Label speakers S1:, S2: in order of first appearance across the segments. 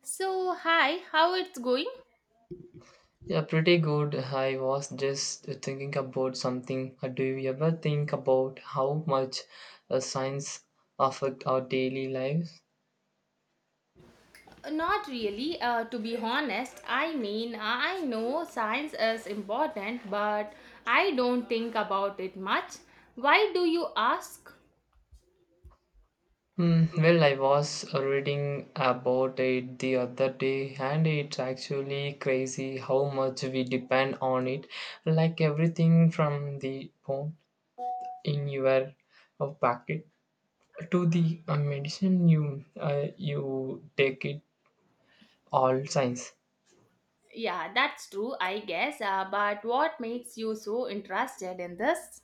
S1: So, hi, how it's going?
S2: Yeah, pretty good. I was just thinking about something. Do you ever think about how much science affect our daily lives?
S1: Not really, to be honest. I mean, I know science is important, but I don't think about it much. Why do you ask?
S2: Hmm. Well, I was reading about it the other day, and it's actually crazy how much we depend on it. Like everything from the phone in your pocket to the medicine you you take it all science.
S1: Yeah, that's true, I guess. But what makes you so interested in this?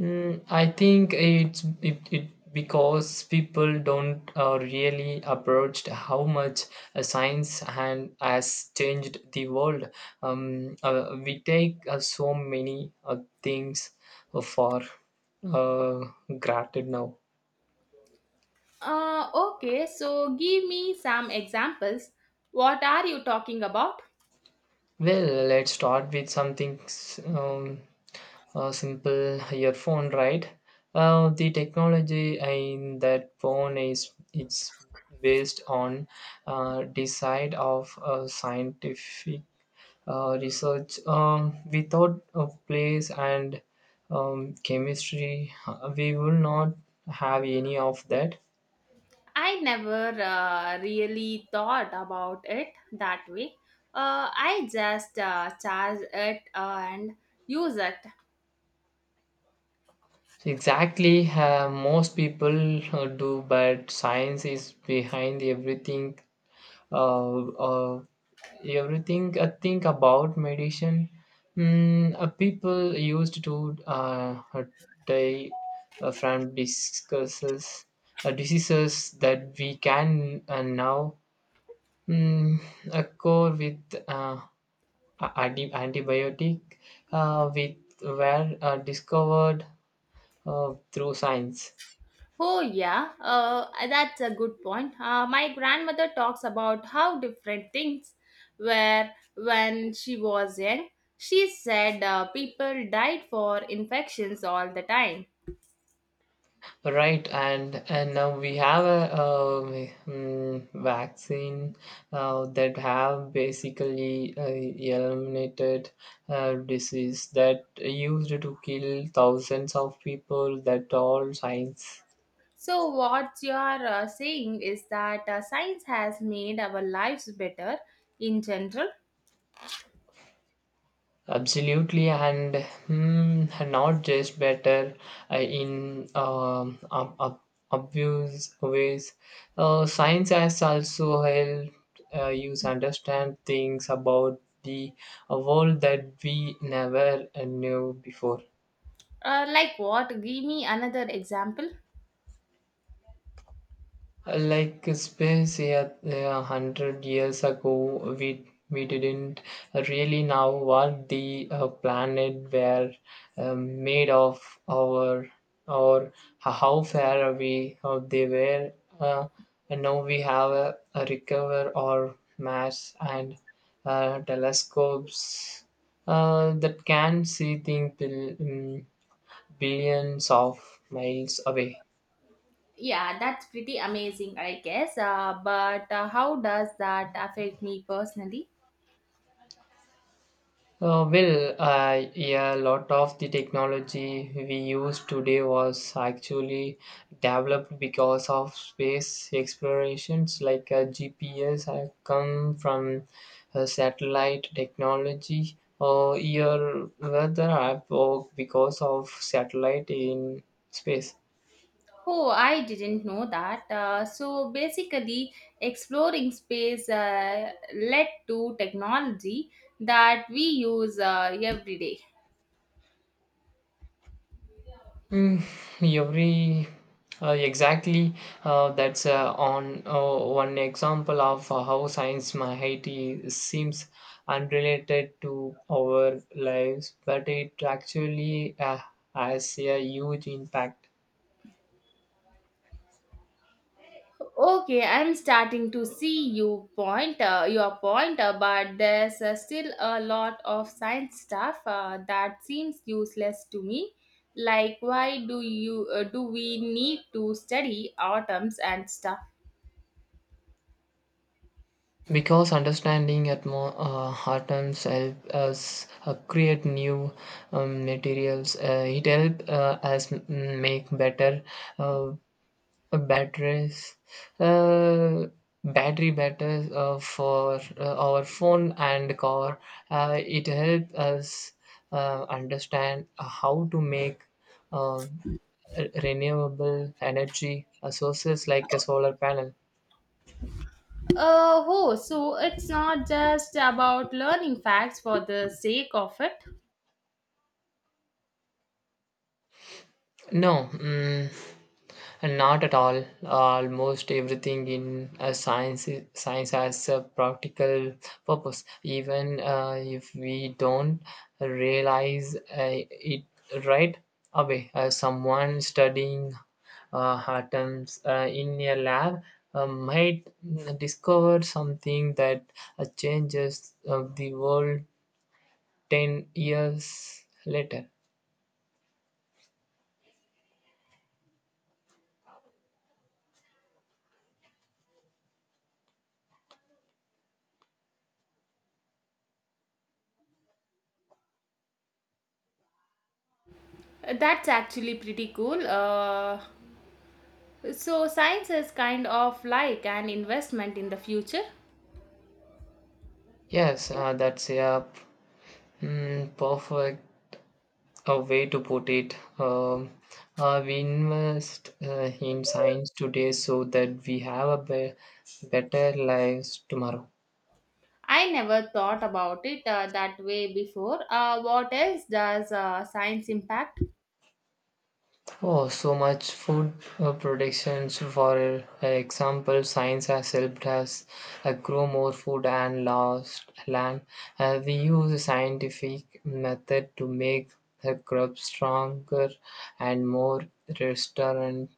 S2: I think it because people don't really approach how much science and has changed the world. We take so many things for uh, granted now.
S1: Okay, so give me some examples. What are you talking about?
S2: Well, let's start with something simple earphone, right? The technology in that phone is it's based on decide of scientific research. Without a place and chemistry, we will not have any of that.
S1: I never really thought about it that way. I just charge it and use it.
S2: Exactly, most people do, but science is behind everything uh, uh, everything I think about meditation. People used to die from discusses, diseases that we can now mm, cure with uh, antibiotic, with were discovered through science.
S1: Oh, yeah, that's a good point. My grandmother talks about how different things were when she was young. She said people died for infections all the time.
S2: Right, and now we have a vaccine that have basically eliminated disease that used to kill thousands of people. That all science.
S1: So, what you are saying is that science has made our lives better in general.
S2: Absolutely, and not just better in obvious ways. Science has also helped you understand things about the world that we never knew before.
S1: Like what? Give me another example.
S2: Like space, yeah, yeah, a hundred years ago, we didn't really know what the planet were made of, or or how far away they were. Uh, and now we have a recover or mass and telescopes that can see things billions of miles away.
S1: Yeah, that's pretty amazing, I guess. But how does that affect me personally?
S2: Well, yeah, a lot of the technology we use today was actually developed because of space explorations, like GPS have come from satellite technology, or your weather app work because of satellite in space.
S1: Oh, I didn't know that. So basically, exploring space led to technology that we use every day.
S2: Mm, every exactly, that's on one example of how science mighty seems unrelated to our lives, but it actually has a huge impact.
S1: Okay, I'm starting to see your point, but there's still a lot of science stuff that seems useless to me. Like, why do you do we need to study atoms and stuff?
S2: Because understanding atoms help us create new materials. It help us make better uh, batteries, uh, battery batteries for our phone and car. It helps us understand how to make uh, renewable energy sources like a solar panel.
S1: Oh, so it's not just about learning facts for the sake of it.
S2: No. Not at all. Almost everything in science has a practical purpose, even if we don't realize it right away. Someone studying atoms in a lab might discover something that changes the world 10 years later.
S1: That's actually pretty cool. So science is kind of like an investment in the future.
S2: Yes, that's a mm, perfect a way to put it. We invest in science today so that we have better lives tomorrow.
S1: I never thought about it that way before. What else does science impact?
S2: Oh, so much food productions. For example, science has helped us grow more food and lost land. We use a scientific method to make the crops stronger and more restorant,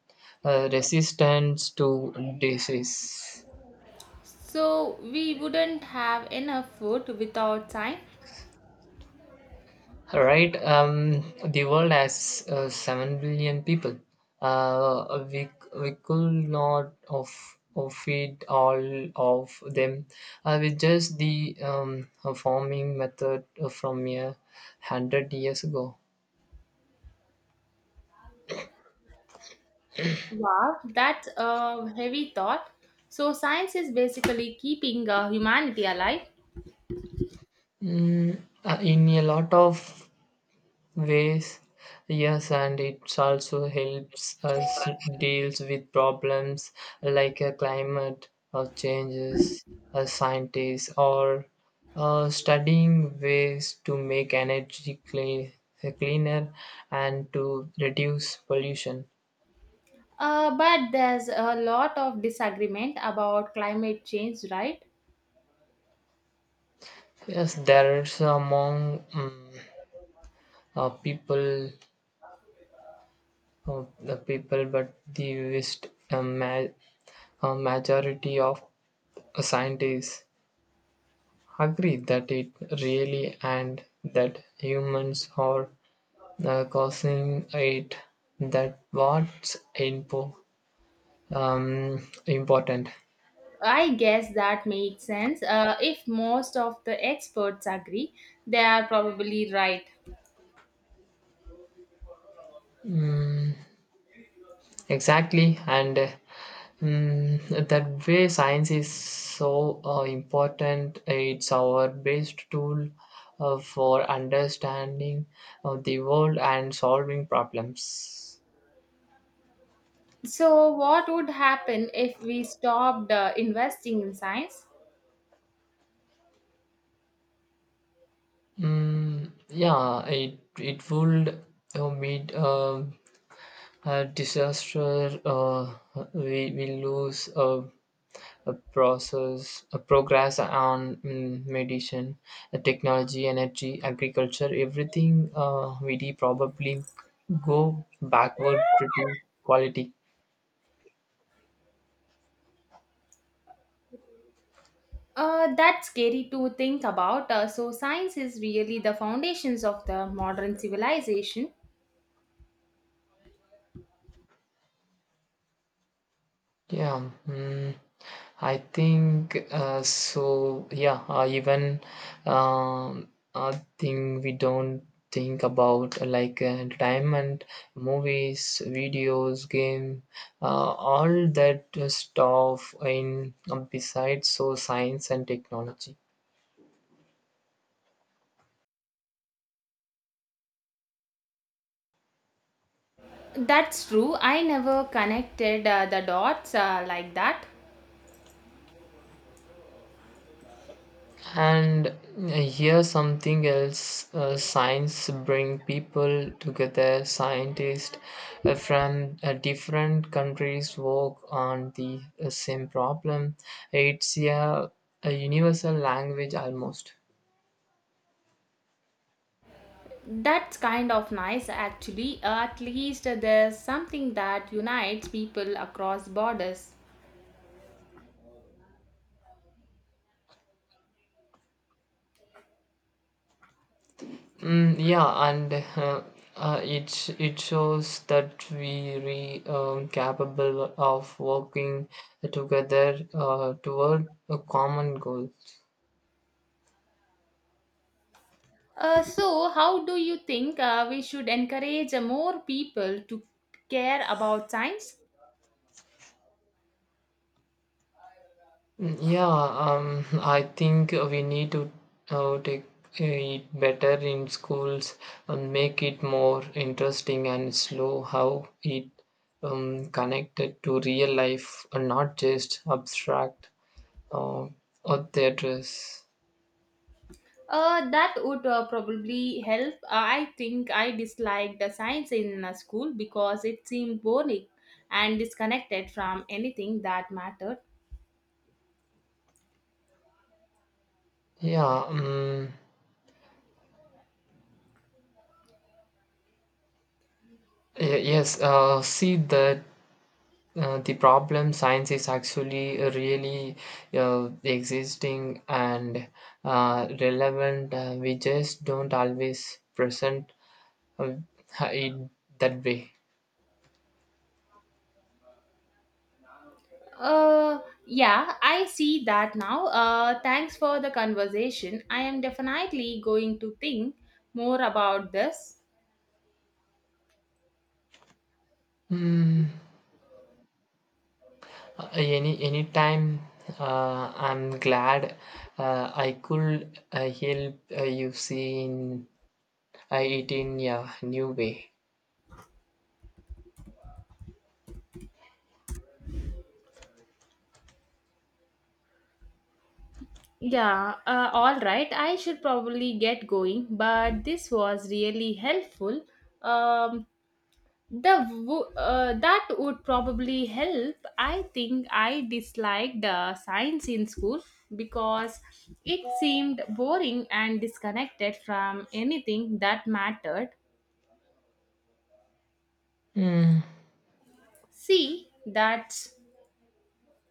S2: resistant to disease.
S1: So we wouldn't have enough food without science.
S2: All right, the world has 7 billion people. Uh, we we could not of feed all of them with just the farming method from 100 years ago.
S1: Wow, that's a heavy thought. So science is basically keeping humanity alive.
S2: In a lot of ways, yes, and it also helps us deals with problems like climate changes. Scientists or studying ways to make energy clean, cleaner and to reduce pollution.
S1: But there's a lot of disagreement about climate change, right?
S2: Yes, there is among people, the people, but the vast majority of scientists agree that it really, and that humans are causing it. That what's important.
S1: I guess that makes sense. If most of the experts agree, they are probably right.
S2: Exactly, and that way science is so important. It's our best tool for understanding the world and solving problems.
S1: So, what would happen if we stopped investing in science?
S2: Yeah, it it would meet a disaster. We lose a process a progress on medicine, technology, energy, agriculture, everything. We did probably go backward pretty quality.
S1: That's scary to think about. So, science is really the foundations of the modern civilization.
S2: Yeah, I think so. Yeah, even um, a thing we don't think about, like entertainment, movies, videos, game, all that stuff in besides so science and technology.
S1: That's true. I never connected the dots like that.
S2: And here's something else, science bring people together. Scientists from different countries work on the same problem. It's a universal language almost.
S1: That's kind of nice, actually. At least there's something that unites people across borders.
S2: Yeah, and it it shows that we re capable of working together toward a common goal.
S1: So, how do you think we should encourage more people to care about science?
S2: Yeah, I think we need to take it better in schools and make it more interesting and slow how it connected to real life and not just abstract uh, or theatres.
S1: That would probably help. I think I disliked the science in school because it seemed boring and disconnected from anything that mattered.
S2: Yeah, yes, see that. The problem science is actually really existing and relevant. We just don't always present uh, it that way.
S1: Uh, yeah, I see that now. Thanks for the conversation. I am definitely going to think more about this.
S2: Mm, any time, I'm glad I could help you see in, it in a new way.
S1: Yeah, all right. I should probably get going, but this was really helpful. Um, The that would probably help. I think I disliked science in school because it seemed boring and disconnected from anything that mattered.
S2: Mm,
S1: See, that's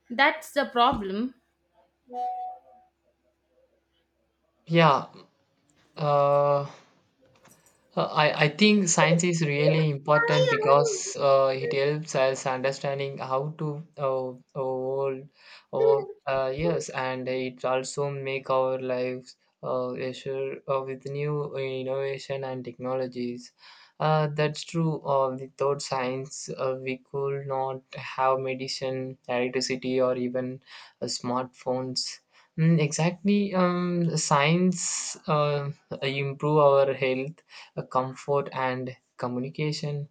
S1: that's the problem.
S2: yeah. Uh, I think science is really important because it helps us understanding how to all, all yes, and it also make our lives richer, with new innovation and technologies. That's true. Without science, we could not have medicine, electricity, or even smartphones. Mm, exactly. Science improve our health, comfort and communication.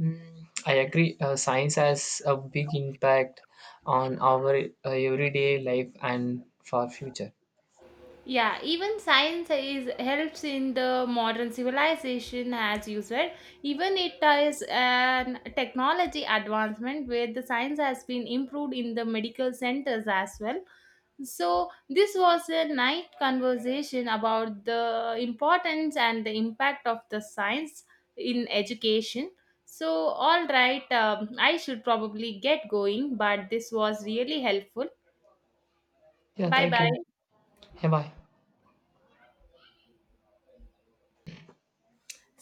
S2: I agree, science has a big impact on our everyday life and for future.
S1: Yeah, even science is helps in the modern civilization, as you said. Even it is an technology advancement where the science has been improved in the medical centers as well. So this was a nice conversation about the importance and the impact of the science in education. So all right, I should probably get going, but this was really helpful.
S2: Yeah,
S1: Bye
S2: thank
S1: bye.
S2: you. Yeah, bye.